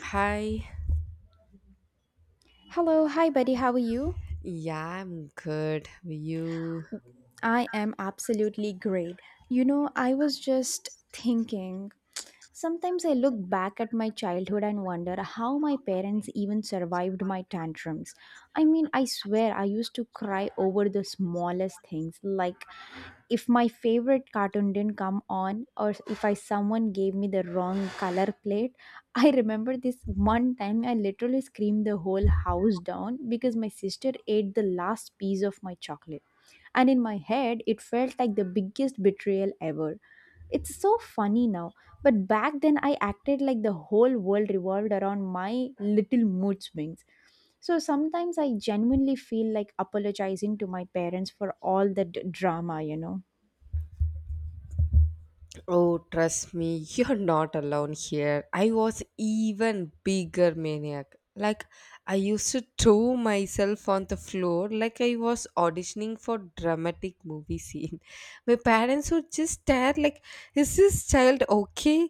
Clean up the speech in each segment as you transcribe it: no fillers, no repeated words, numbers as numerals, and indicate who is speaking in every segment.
Speaker 1: Hi.
Speaker 2: Hello, hi buddy, how are you?
Speaker 1: Yeah, I'm good. You?
Speaker 2: I am absolutely great. You know, I was just thinking, sometimes I look back at my childhood and wonder how my parents even survived my tantrums. I mean, I swear I used to cry over the smallest things, like if my favorite cartoon didn't come on or if I someone gave me the wrong color plate. I remember this one time I literally screamed the whole house down because my sister ate the last piece of my chocolate, and in my head it felt like the biggest betrayal ever. It's so funny now, but back then I acted like the whole world revolved around my little mood swings. So sometimes I genuinely feel like apologizing to my parents for all the drama, you know.
Speaker 1: Oh, trust me, you're not alone here. I was even bigger maniac. Like I used to throw myself on the floor like I was auditioning for dramatic movie scene. My parents would just stare like, "Is this child okay?"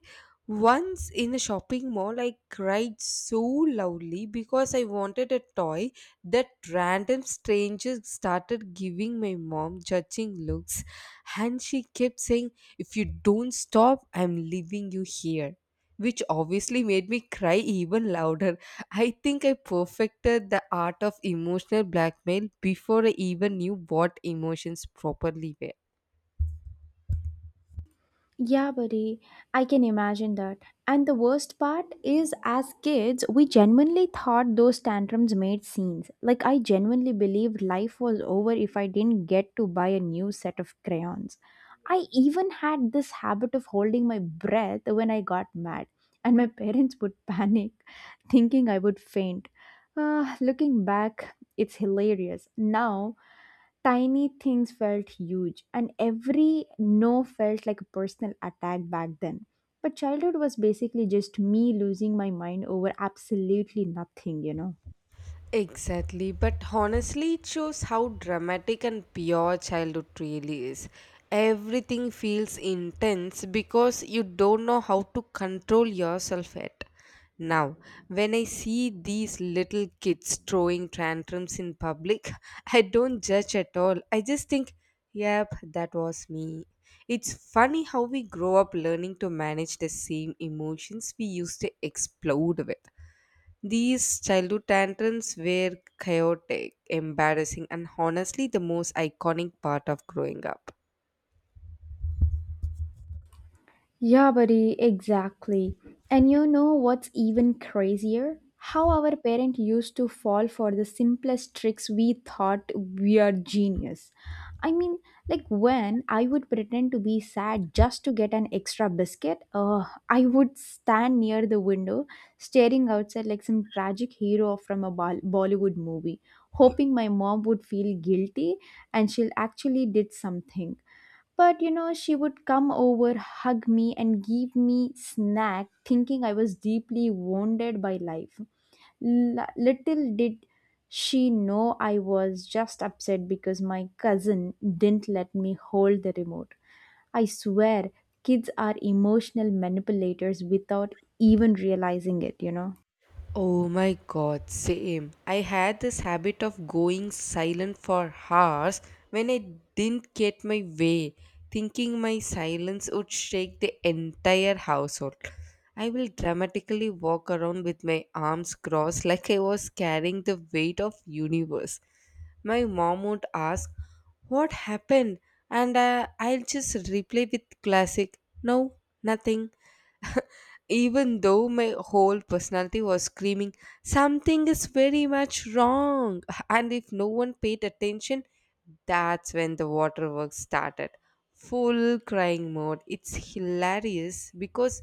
Speaker 1: Once in a shopping mall, I cried so loudly because I wanted a toy that random strangers started giving my mom judging looks, and she kept saying if you don't stop, I'm leaving you here. Which obviously made me cry even louder. I think I perfected the art of emotional blackmail before I even knew what emotions properly were.
Speaker 2: Yeah, buddy, I can imagine that. And the worst part is, as kids, we genuinely thought those tantrums made scenes. Like, I genuinely believed life was over if I didn't get to buy a new set of crayons. I even had this habit of holding my breath when I got mad, and my parents would panic, thinking I would faint. Ah, looking back, it's hilarious now. Tiny things felt huge, and every no felt like a personal attack back then. But childhood was basically just me losing my mind over absolutely nothing, you know.
Speaker 1: Exactly, but honestly, it shows how dramatic and pure childhood really is. Everything feels intense because you don't know how to control yourself yet. Now, when I see these little kids throwing tantrums in public, I don't judge at all. I just think, yep, that was me. It's funny how we grow up learning to manage the same emotions we used to explode with. These childhood tantrums were chaotic, embarrassing, and honestly the most iconic part of growing up.
Speaker 2: Yeah, buddy, exactly. And you know what's even crazier? How our parents used to fall for the simplest tricks we thought we are genius. I mean, like when I would pretend to be sad just to get an extra biscuit, I would stand near the window staring outside like some tragic hero from a Bollywood movie, hoping my mom would feel guilty and she'll actually did something. But you know, she would come over, hug me, and give me snack, thinking I was deeply wounded by life. Little did she know I was just upset because my cousin didn't let me hold the remote. I swear, kids are emotional manipulators without even realizing it, you know.
Speaker 1: Oh my god, same. I had this habit of going silent for hours when I didn't get my way, thinking my silence would shake the entire household. I will dramatically walk around with my arms crossed like I was carrying the weight of universe. My mom would ask, "What happened?" and I'll just reply with classic, "No, nothing," even though my whole personality was screaming, something is very much wrong. And if no one paid attention, that's when the waterworks started. Full crying mode. It's hilarious because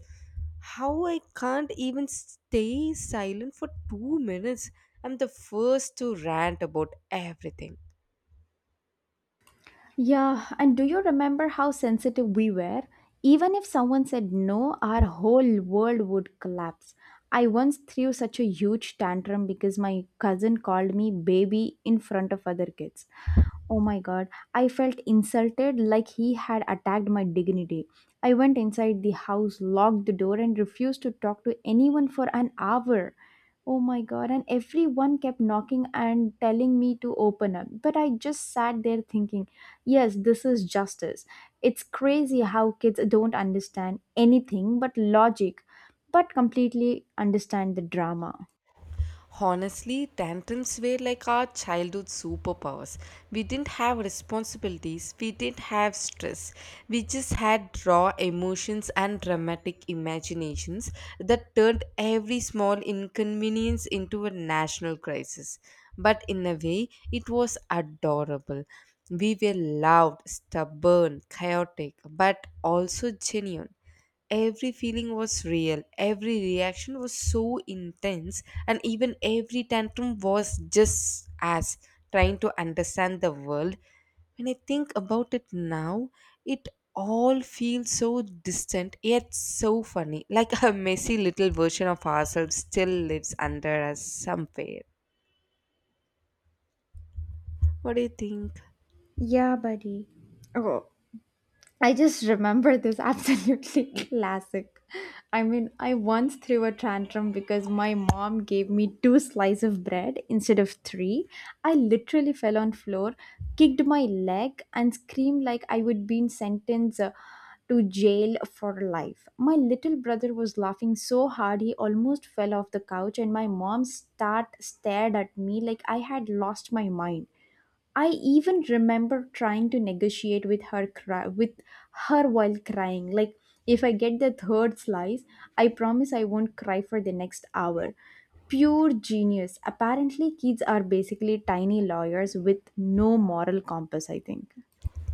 Speaker 1: how I can't even stay silent for 2 minutes. I'm the first to rant about everything.
Speaker 2: Yeah, and do you remember how sensitive we were? Even if someone said no, our whole world would collapse. I once threw such a huge tantrum because my cousin called me baby in front of other kids. Oh my god, I felt insulted like he had attacked my dignity. I went inside the house, locked the door, and refused to talk to anyone for an hour. Oh my god, and everyone kept knocking and telling me to open up. But I just sat there thinking, yes, this is justice. It's crazy how kids don't understand anything but logic, but completely understand the drama.
Speaker 1: Honestly, tantrums were like our childhood superpowers. We didn't have responsibilities, we didn't have stress. We just had raw emotions and dramatic imaginations that turned every small inconvenience into a national crisis. But in a way, it was adorable. We were loud, stubborn, chaotic, but also genuine. Every feeling was real, every reaction was so intense, and even every tantrum was just as trying to understand the world. When I think about it now, it all feels so distant yet so funny. Like a messy little version of ourselves still lives under us somewhere. What do you think?
Speaker 2: Yeah, buddy. I just remember this absolutely classic. I mean, I once threw a tantrum because my mom gave me two slices of bread instead of three. I literally fell on floor, kicked my leg and screamed like I would be sentenced to jail for life. My little brother was laughing so hard he almost fell off the couch, and my mom start stared at me like I had lost my mind. I even remember trying to negotiate with her while crying. Like, if I get the third slice, I promise I won't cry for the next hour. Pure genius. Apparently kids are basically tiny lawyers with no moral compass, I think.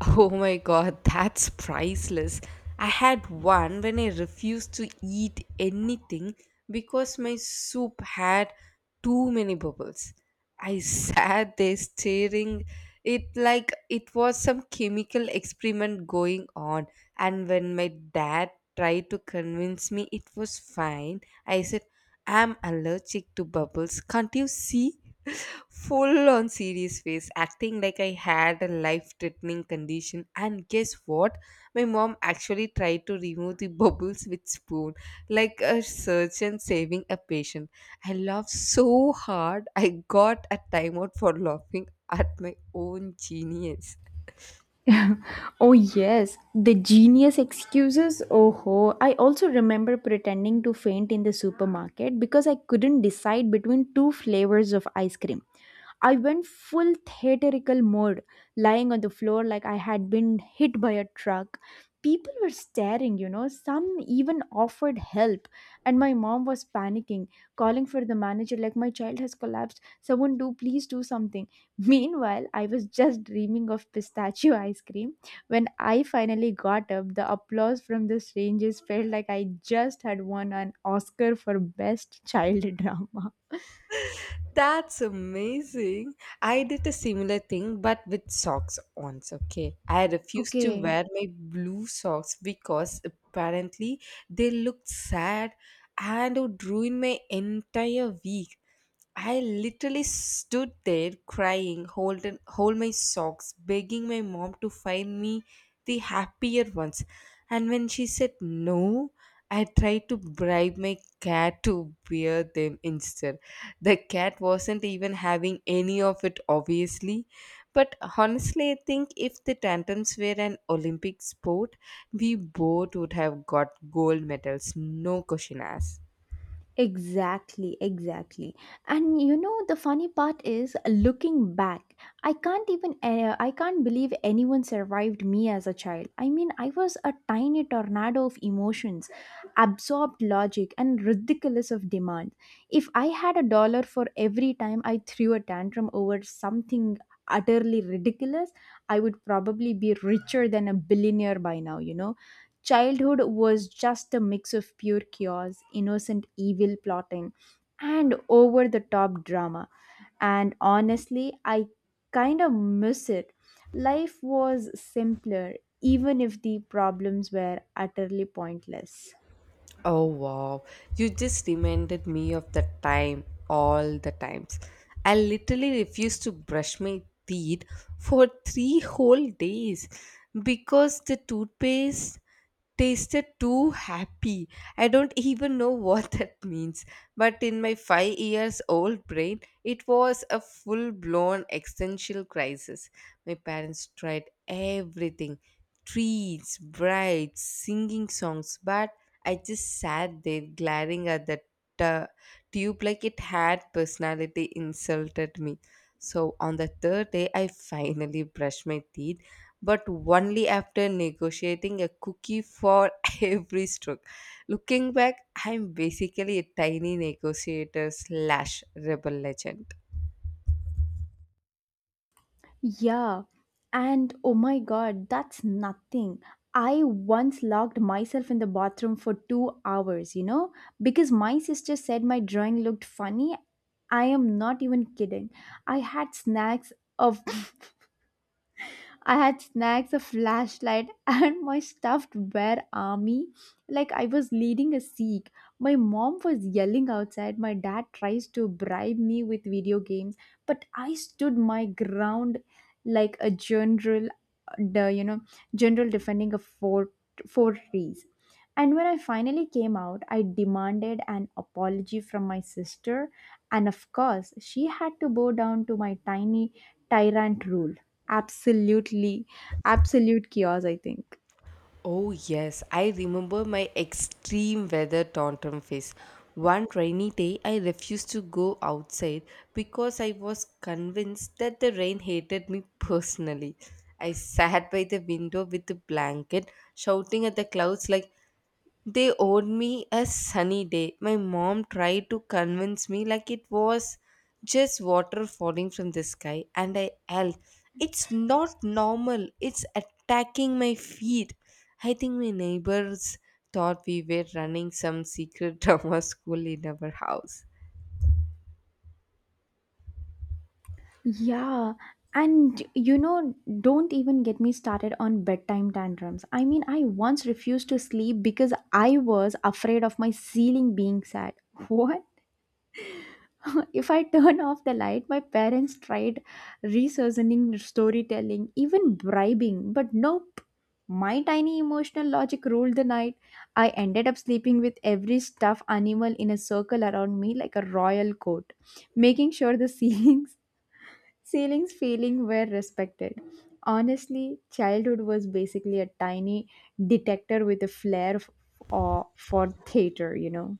Speaker 1: Oh my god, that's priceless. I had one when I refused to eat anything because my soup had too many bubbles. I sat there staring it like it was some chemical experiment going on, and when my dad tried to convince me it was fine, I said I'm allergic to bubbles. Can't you see? Full on serious face, acting like I had a life threatening condition. And guess what? My mom actually tried to remove the bubbles with spoon, like a surgeon saving a patient. I laughed so hard, I got a timeout for laughing at my own genius.
Speaker 2: Oh yes, the genius excuses. Oh ho. I also remember pretending to faint in the supermarket because I couldn't decide between two flavors of ice cream. I went full theatrical mode, lying on the floor like I had been hit by a truck. People were staring, you know, some even offered help. And my mom was panicking, calling for the manager, like, "My child has collapsed. Someone do, please do something." Meanwhile, I was just dreaming of pistachio ice cream. When I finally got up, the applause from the strangers felt like I just had won an Oscar for Best Child Drama.
Speaker 1: That's amazing. I did a similar thing, but with socks once, okay? I refused to
Speaker 2: Okay,
Speaker 1: wear my blue socks because apparently they looked sad and would ruin my entire week. I literally stood there crying, holding hold my socks, begging my mom to find me the happier ones. And when she said no, I tried to bribe my cat to wear them instead. The cat wasn't even having any of it, obviously. But honestly, I think if the tantrums were an Olympic sport, we both would have got gold medals, no question asked.
Speaker 2: exactly, exactly. And you know the funny part is looking back, I can't believe anyone survived me as a child. I mean, I was a tiny tornado of emotions, absorbed logic and ridiculous of demand. If I had a dollar for every time I threw a tantrum over something utterly ridiculous, I would probably be richer than a billionaire by now, you know. Childhood was just a mix of pure chaos, innocent evil plotting, and over the top drama. And honestly, I kind of miss it. Life was simpler, even if the problems were utterly pointless.
Speaker 1: Oh wow, you just reminded me of the time, all the times. I literally refused to brush my teeth for 3 whole days because the toothpaste tasted too happy. I don't even know what that means. But in my 5 years old brain, it was a full blown existential crisis. My parents tried everything, treats, brides, singing songs, but I just sat there glaring at that uh, tube like it had personality insulted me. So on the third day, I finally brushed my teeth, but only after negotiating a cookie for every stroke. Looking back, I'm basically a tiny negotiator slash rebel legend.
Speaker 2: Yeah, and oh my god, that's nothing. I once locked myself in the bathroom for 2 hours, you know, because my sister said my drawing looked funny. I am not even kidding. I had snacks of I had snacks, a flashlight, and my stuffed bear army like I was leading a siege. My mom was yelling outside. My dad tries to bribe me with video games, but I stood my ground like a general, the you know, general defending a fortress. And when I finally came out, I demanded an apology from my sister, and of course, she had to bow down to my tiny tyrant rule. Absolutely, absolute chaos, I think.
Speaker 1: Oh, yes, I remember my extreme weather tantrum phase. One rainy day, I refused to go outside because I was convinced that the rain hated me personally. I sat by the window with a blanket, shouting at the clouds like, they owed me a sunny day. My mom tried to convince me like it was just water falling from the sky, and I yelled, it's not normal, it's attacking my feet. I think my neighbors thought we were running some secret drama school in our house.
Speaker 2: Yeah, and you know, don't even get me started on bedtime tantrums. I mean, I once refused to sleep because I was afraid of my ceiling being sad. What? If I turn off the light, my parents tried reasoning, storytelling, even bribing, but nope. My tiny emotional logic ruled the night. I ended up sleeping with every stuffed animal in a circle around me like a royal court, making sure the ceilings ceilings feeling were respected. Honestly, childhood was basically a tiny detector with a flair uh, for theater, you know.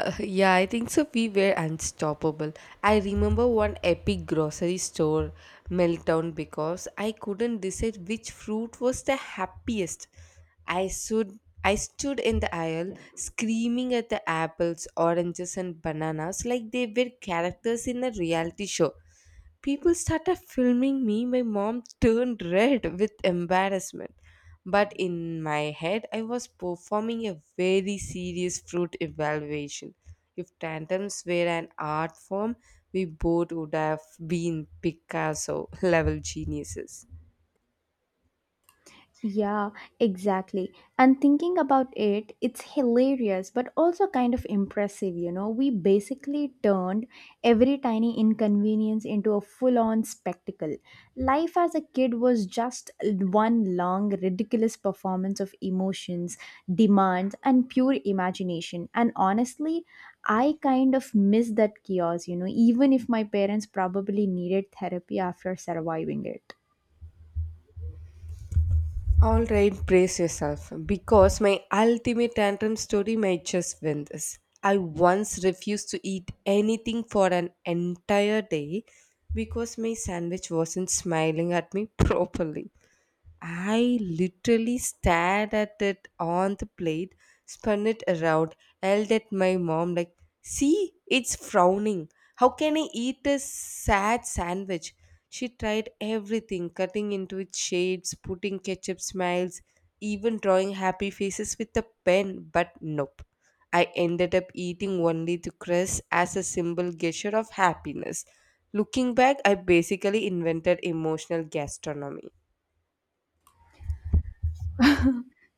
Speaker 1: Yeah, I think so. We were unstoppable. I remember one epic grocery store meltdown because I couldn't decide which fruit was the happiest. I stood, I stood in the aisle screaming at the apples, oranges, and bananas like they were characters in a reality show. People started filming me. My mom turned red with embarrassment. But in my head, I was performing a very serious fruit evaluation. If tantrums were an art form, we both would have been Picasso level geniuses.
Speaker 2: Yeah, exactly. And thinking about it, it's hilarious but also kind of impressive, you know. We basically turned every tiny inconvenience into a full on spectacle. Life as a kid was just one long, ridiculous performance of emotions, demands, and pure imagination. And honestly, I kind of miss that chaos, you know, even if my parents probably needed therapy after surviving it.
Speaker 1: All right, brace yourself because my ultimate tantrum story might just win this. I once refused to eat anything for an entire day because my sandwich wasn't smiling at me properly. I literally stared at it on the plate, spun it around, yelled at my mom, like, see, it's frowning. How can I eat a sad sandwich? She tried everything, cutting into its shades, putting ketchup smiles, even drawing happy faces with a pen, but nope. I ended up eating only the crust as a symbol gesture of happiness. Looking back, I basically invented emotional gastronomy.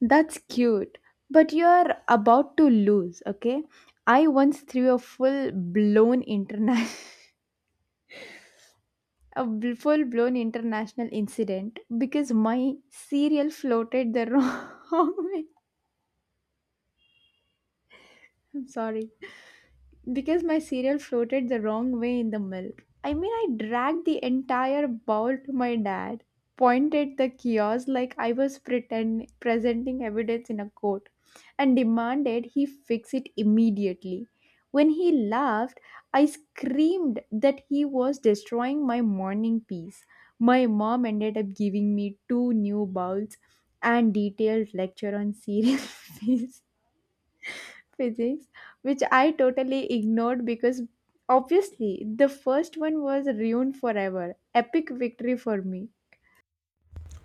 Speaker 2: That's cute, but you're about to lose, okay? I once threw a full blown international a bl- full blown international incident because my cereal floated the wrong way. I'm sorry. Because my cereal floated the wrong way in the milk. I mean, I dragged the entire bowl to my dad, pointed at the kiosk like I was presenting evidence in a court, and demanded he fix it immediately. When he laughed, I screamed that he was destroying my morning peace. My mom ended up giving me two new bowls and detailed lecture on cereal fees physics, which I totally ignored because obviously the first one was ruined forever. Epic victory for me.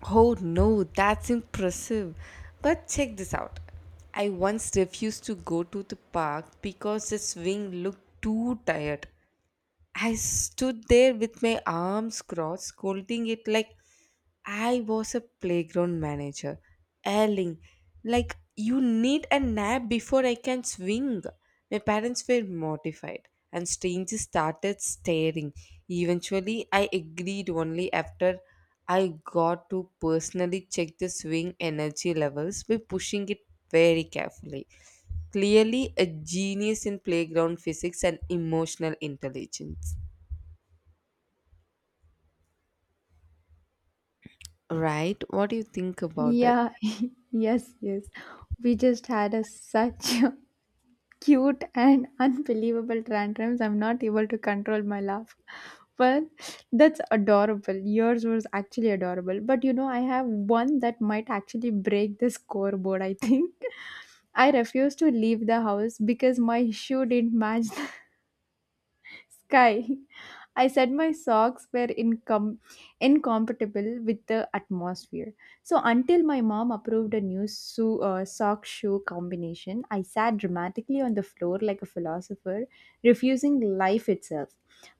Speaker 1: Oh no, that's impressive. But check this out. I once refused to go to the park because the swing looked too tired. I stood there with my arms crossed, holding it like I was a playground manager, yelling, like, you need a nap before I can swing. My parents were mortified, and strangers started staring. Eventually, I agreed only after I got to personally check the swing energy levels by pushing it very carefully. Clearly, a genius in playground physics and emotional intelligence. Right? What do you think about it?
Speaker 2: Yeah, yes, yes. We just had a such a cute and unbelievable tantrums. I'm not able to control my laugh. Well, that's adorable. Yours was actually adorable. But you know, I have one that might actually break the scoreboard, I think. I refused to leave the house because my shoe didn't match sky, I said my socks were incompatible with the atmosphere. So until my mom approved a new sock shoe combination, I sat dramatically on the floor like a philosopher, refusing life itself.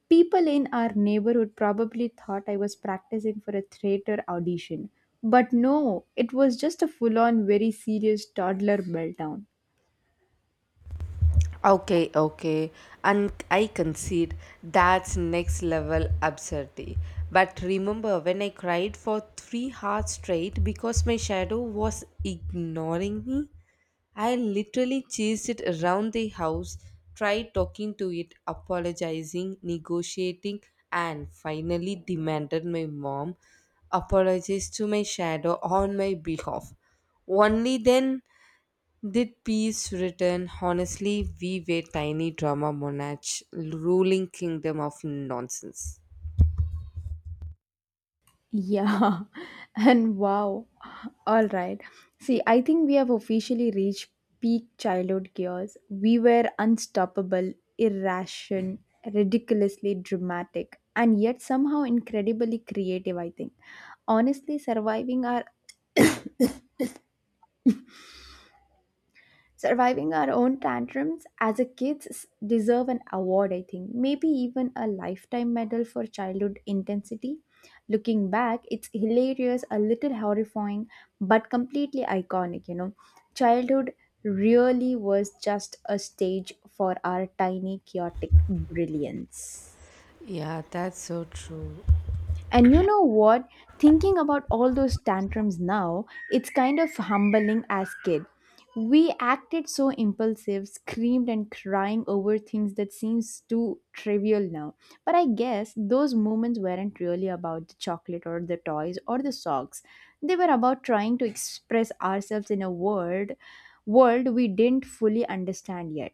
Speaker 2: People in our neighborhood probably thought I was practicing for a theater audition. But no, it was just a full on, very serious toddler meltdown.
Speaker 1: Okay, okay. And I concede that's next level absurdity. But remember when I cried for 3 hours straight because my shadow was ignoring me? I literally chased it around the house, tried talking to it, apologizing, negotiating, and finally demanded my mom apologize to my shadow on my behalf. Only then did peace return. Honestly, we were tiny drama monarch, ruling kingdom of nonsense.
Speaker 2: Yeah, and wow. All right. See, I think we have officially reached peak childhood gears. We were unstoppable, irrational, ridiculously dramatic, and yet somehow incredibly creative, I think. Honestly, surviving our own tantrums as a kids deserve an award, I think. Maybe even a lifetime medal for childhood intensity. Looking back, it's hilarious, a little horrifying, but completely iconic, you know. Childhood really was just a stage for our tiny chaotic brilliance.
Speaker 1: Yeah, that's so true.
Speaker 2: And you know what? Thinking about all those tantrums now, it's kind of humbling as kid. We acted so impulsive, screamed and crying over things that seems too trivial now. But I guess those moments weren't really about the chocolate or the toys or the socks. They were about trying to express ourselves in a world we didn't fully understand yet,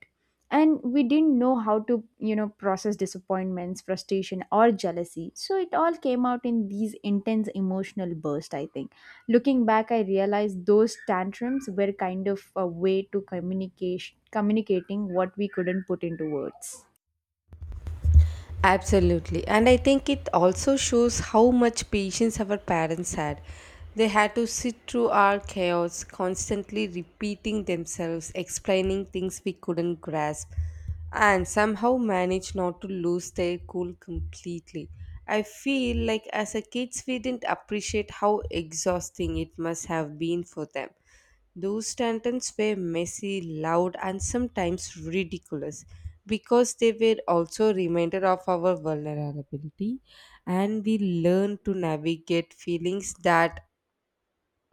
Speaker 2: and we didn't know how to, you know, process disappointments, frustration or jealousy, so it all came out in these intense emotional bursts, I think. Looking back, I realized those tantrums were kind of a way to communicate communicating what we couldn't put into words.
Speaker 1: Absolutely. And I think it also shows how much patience our parents had. They had to sit through our chaos, constantly repeating themselves, explaining things we couldn't grasp, and somehow manage not to lose their cool completely. I feel like as a kids we didn't appreciate how exhausting it must have been for them. Those tantrums were messy, loud, and sometimes ridiculous because they were also a reminder of our vulnerability and we learned to navigate feelings that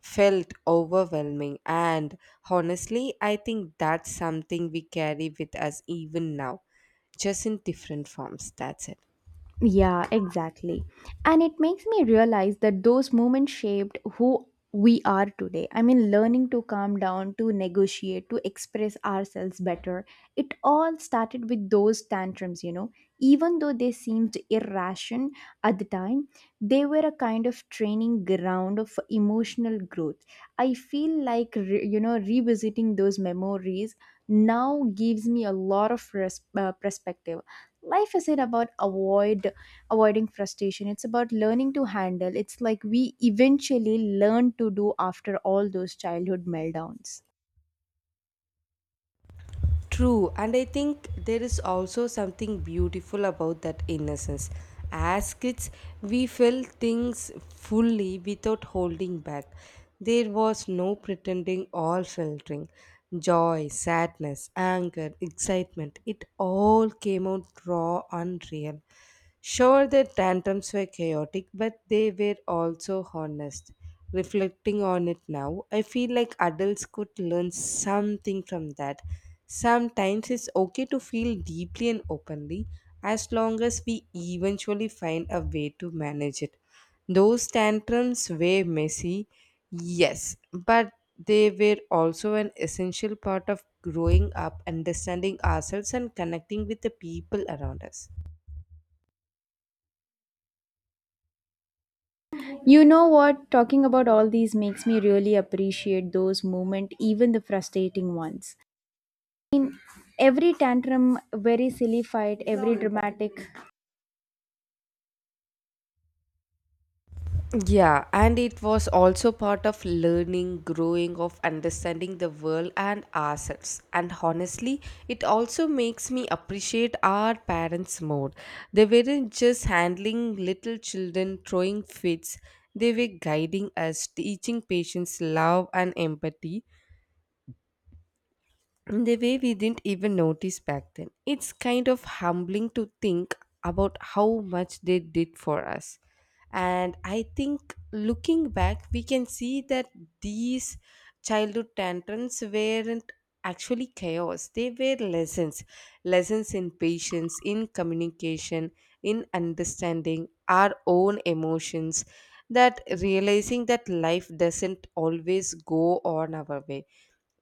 Speaker 1: felt overwhelming. And honestly, I think that's something we carry with us even now, just in different forms. That's it.
Speaker 2: Yeah, exactly. And it makes me realize that those moments shaped who we are today. I mean, learning to calm down, to negotiate, to express ourselves better. It all started with those tantrums, you know. Even though they seemed irrational at the time, they were a kind of training ground of emotional growth. I feel like, revisiting those memories now gives me a lot of perspective. Life isn't about avoiding frustration. It's about learning to handle it's like we eventually learn to do after all those childhood meltdowns.
Speaker 1: True, and I think there is also something beautiful about that innocence. As kids, we felt things fully without holding back. There was no pretending or filtering. Joy, sadness, anger, excitement, it all came out raw and real. Sure, the tantrums were chaotic, but they were also honest. Reflecting on it now, I feel like adults could learn something from that. Sometimes it's okay to feel deeply and openly as long as we eventually find a way to manage it. Those tantrums were messy, yes, but they were also an essential part of growing up, understanding ourselves, and connecting with the people around us.
Speaker 2: You know what, talking about all these makes me really appreciate those moments, even the frustrating ones, every tantrum, very silly fight, every dramatic.
Speaker 1: Yeah, and it was also part of learning, growing, of understanding the world and ourselves. And honestly, it also makes me appreciate our parents more. They weren't just handling little children throwing fits, they were guiding us, teaching patience, love, and empathy in the way we didn't even notice back then. It's kind of humbling to think about how much they did for us. And I think looking back, we can see that these childhood tantrums weren't actually chaos. They were lessons. Lessons in patience, in communication, in understanding our own emotions, that realizing that life doesn't always go on our way,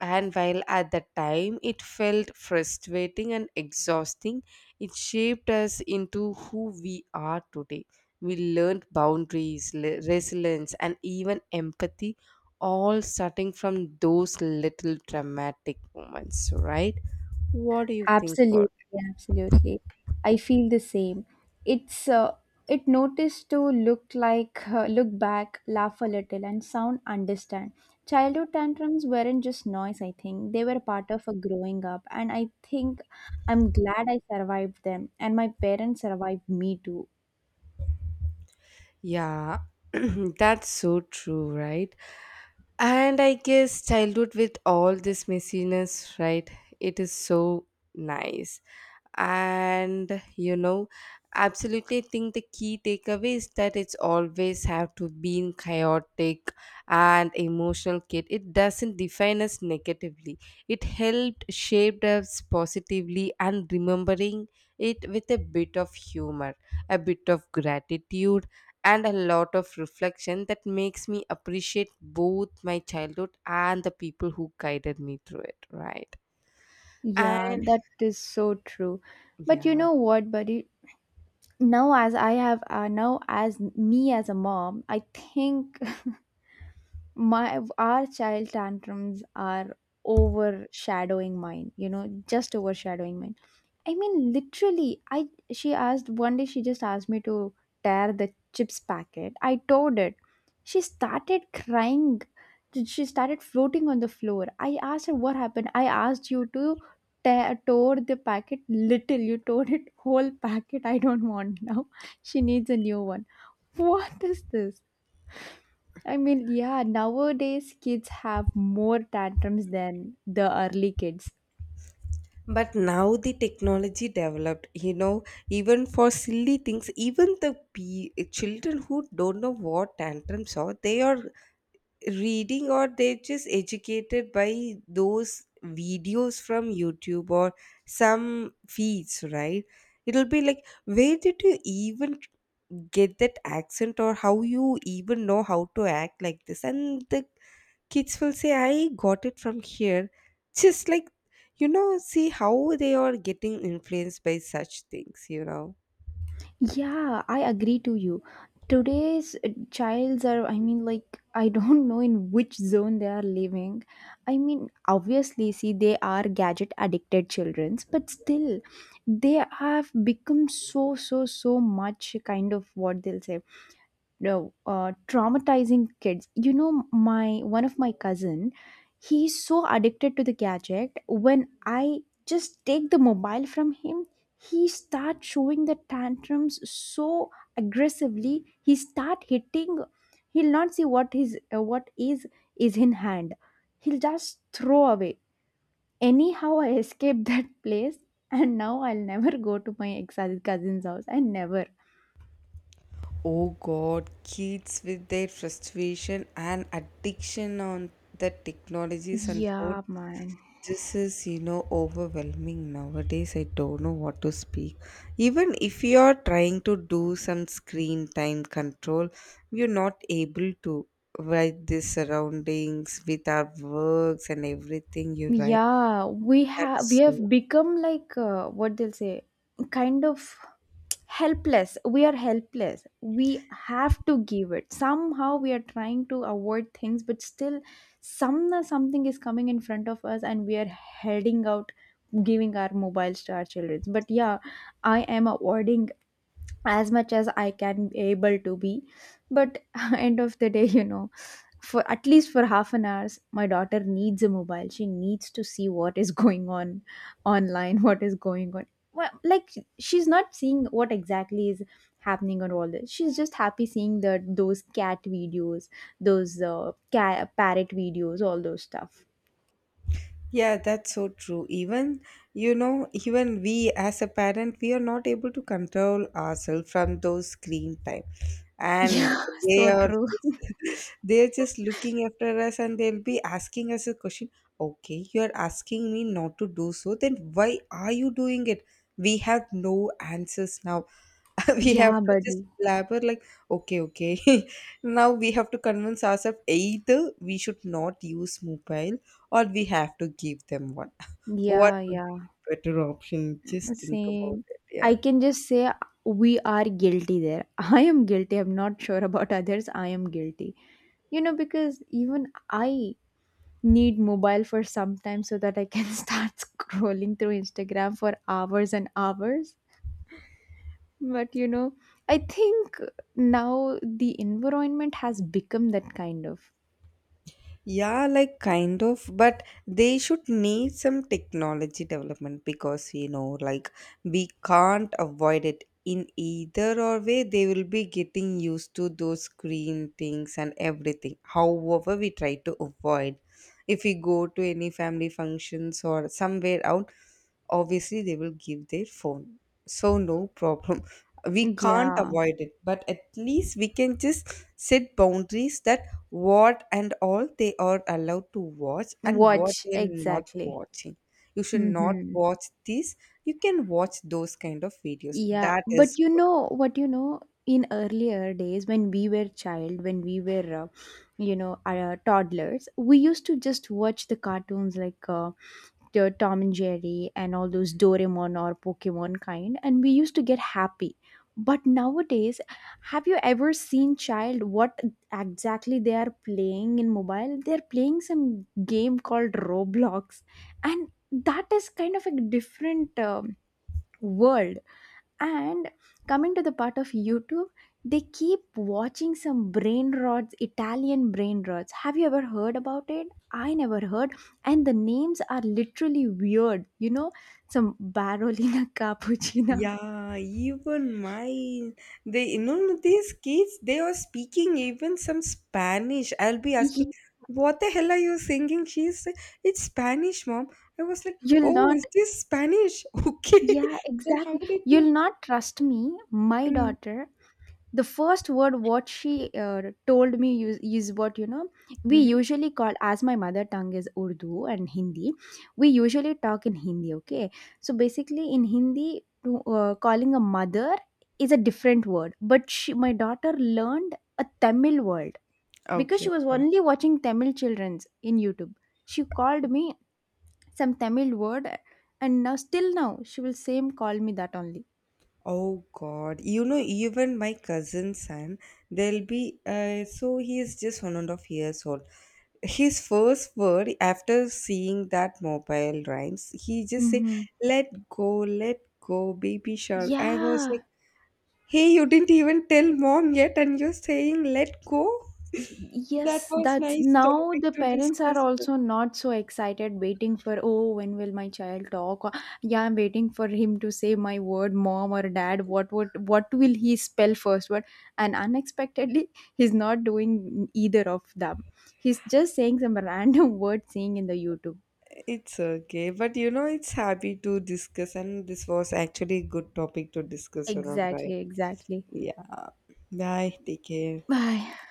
Speaker 1: and while at the time it felt frustrating and exhausting, it shaped us into who we are today. We learned boundaries, resilience, and even empathy, all starting from those little dramatic moments, right? What do you think
Speaker 2: Absolutely,
Speaker 1: about
Speaker 2: absolutely. I feel the same. It's uh, it noticed to look like, look back, laugh a little, and sound understand. Childhood tantrums weren't just noise. I think they were part of a growing up, and I think I'm glad I survived them, and my parents survived me too.
Speaker 1: Yeah, that's so true, right? And I guess childhood with all this messiness, right? It is so nice. And you know, absolutely think the key takeaway is that it's always have to be in chaotic and emotional kid. It doesn't define us negatively. It helped shaped us positively and remembering it with a bit of humor, a bit of gratitude and a lot of reflection that makes me appreciate both my childhood and the people who guided me through it, right?
Speaker 2: Yeah,
Speaker 1: And
Speaker 2: that is so true. But you
Speaker 1: yeah.
Speaker 2: know what, buddy? Now as me as a mom, I think my our child tantrums are overshadowing mine, you know, just overshadowing mine. I mean, literally, I she asked one day, she just asked me to tear the chips packet. I tore it. She started crying. She started floating on the floor. I asked her what happened. I asked you to tear tore the packet little, you tore it whole packet, I don't want now. She needs a new one. What is this? I mean, yeah, nowadays kids have more tantrums than the early kids.
Speaker 1: But now the technology developed, even for silly things, even the children who don't know what tantrums are, they are reading or they're just educated by those videos from YouTube or some feeds, right? It'll be like, where did you even get that accent or how you even know how to act like this, and the kids will say, I got it from here. Just like, you know, see how they are getting influenced by such things.
Speaker 2: Yeah, I agree to you. Today's Childs are, I mean, like, I don't know in which zone they are living. I mean, obviously, see, they are gadget addicted childrens, but still, they have become so, so, so much kind of what they'll say. No Traumatizing kids, you know. My one of my cousin, he's so addicted to the gadget. When I just take the mobile from him, he start showing the tantrums so aggressively. He start hitting. He'll not see what is in hand. He'll just throw away. Anyhow, I escaped that place. And now I'll never go to my ex cousin's house, I never.
Speaker 1: Oh God, kids with their frustration and addiction on the technologies unfold.
Speaker 2: Yeah, man.
Speaker 1: This is, you know, overwhelming nowadays. I don't know what to speak. Even if you are trying to do some screen time control, you're not able to with the surroundings, with our works and everything. You're right.
Speaker 2: Yeah, we
Speaker 1: That is
Speaker 2: have, we
Speaker 1: true.
Speaker 2: have become like, what they'll say, kind of helpless. We are helpless. We have to give it somehow. We are trying to avoid things, but still some something is coming in front of us and we are heading out giving our mobiles to our children. But yeah, I am avoiding as much as I can be able to be. But end of the day, you know, for at least for half an hour, my daughter needs a mobile. She needs to see what is going on online, what is going on. Well, like she's not seeing what exactly is happening on all this. She's just happy seeing that those cat videos, those cat parrot videos, all those stuff.
Speaker 1: Yeah, that's so true. Even, you know, even we as a parent, we are not able to control ourselves from those screen time. And
Speaker 2: Yeah,
Speaker 1: they
Speaker 2: so
Speaker 1: are
Speaker 2: true.
Speaker 1: just they're just looking after us, and they'll be asking us a question. Okay, you're asking me not to do so, then why are you doing it? We have no answers now. We have
Speaker 2: Yeah,
Speaker 1: to just
Speaker 2: buddy.
Speaker 1: blabber like, okay, okay. Now we have to convince ourselves either we should not use mobile or we have to give them one. What
Speaker 2: Yeah,
Speaker 1: would
Speaker 2: yeah.
Speaker 1: be a better option? Just think about
Speaker 2: Same.
Speaker 1: it. Yeah.
Speaker 2: I can just say we are guilty there. I am guilty. I'm not sure about others. I am guilty. You know, because even I need mobile for some time so that I can start scrolling through Instagram for hours and hours. But you know, I think now the environment has become that kind of.
Speaker 1: Yeah, like kind of, but they should need some technology development, because you know, like, we can't avoid it in either or way. They will be getting used to those screen things and everything. However, we try to avoid, if we go to any family functions or somewhere out, obviously they will give their phone, so no problem. We can't
Speaker 2: Yeah.
Speaker 1: avoid it, but at least we can just set boundaries that what and all they are allowed to watch and what
Speaker 2: Watch,
Speaker 1: they are not
Speaker 2: exactly.
Speaker 1: watching. You should not
Speaker 2: Hmm.
Speaker 1: watch this. You can watch those kind of videos,
Speaker 2: Yeah,
Speaker 1: that is
Speaker 2: but you
Speaker 1: good.
Speaker 2: know what, you know, in earlier days when we were child, when we were, toddlers, we used to just watch the cartoons like the Tom and Jerry and all those Doraemon or Pokemon kind, and we used to get happy. But nowadays, have you ever seen child what exactly they are playing in mobile? They're playing some game called Roblox, and that is kind of a different world. And coming to the part of YouTube, they keep watching some brain rods, Italian brain rods. Have you ever heard about it? I never heard. And the names are literally weird. You know, some Barolina Cappuccina.
Speaker 1: Yeah, even my, they, you know, these kids, they are speaking even some Spanish. I'll be asking,
Speaker 2: Y-
Speaker 1: what the hell are you singing? She's say, it's Spanish, mom. I was like,
Speaker 2: You'll
Speaker 1: oh,
Speaker 2: not,
Speaker 1: is this Spanish? Okay,
Speaker 2: yeah,
Speaker 1: then how
Speaker 2: exactly.
Speaker 1: did
Speaker 2: You'll
Speaker 1: you?
Speaker 2: not trust me. My
Speaker 1: mm,
Speaker 2: daughter, the first word what she told me is what, you know, we
Speaker 1: Mm-hmm.
Speaker 2: usually call as, my mother tongue is Urdu and Hindi. We usually talk in Hindi, okay? So basically in Hindi, calling a mother is a different word. But she, my daughter learned a Tamil word because
Speaker 1: Okay,
Speaker 2: she was
Speaker 1: okay.
Speaker 2: only watching Tamil children's in YouTube. She called me some Tamil word, and now still now she will same call me that only.
Speaker 1: Oh God, you know, even my cousin's son, they'll be so he is just 1.5 years old. His first word after seeing that mobile rhymes, he just say,
Speaker 2: Hmm.
Speaker 1: Let go, baby shark." I was
Speaker 2: Yeah.
Speaker 1: like, "Hey, you didn't even tell mom yet, and you're saying let go."
Speaker 2: Y- yes.
Speaker 1: That was
Speaker 2: That's
Speaker 1: nice
Speaker 2: now
Speaker 1: topic
Speaker 2: the
Speaker 1: to
Speaker 2: parents are
Speaker 1: discuss. But
Speaker 2: also not so excited waiting for, oh, when will my child talk, or yeah, I'm waiting for him to say my word mom or dad. What will he spell first word? And unexpectedly he's not doing either of them. He's just saying some random word seeing in the YouTube.
Speaker 1: it's okay, but you know, it's happy to discuss, and this was actually a good topic to discuss around,
Speaker 2: Exactly,
Speaker 1: right?
Speaker 2: exactly.
Speaker 1: Yeah. Bye. Take care.
Speaker 2: Bye.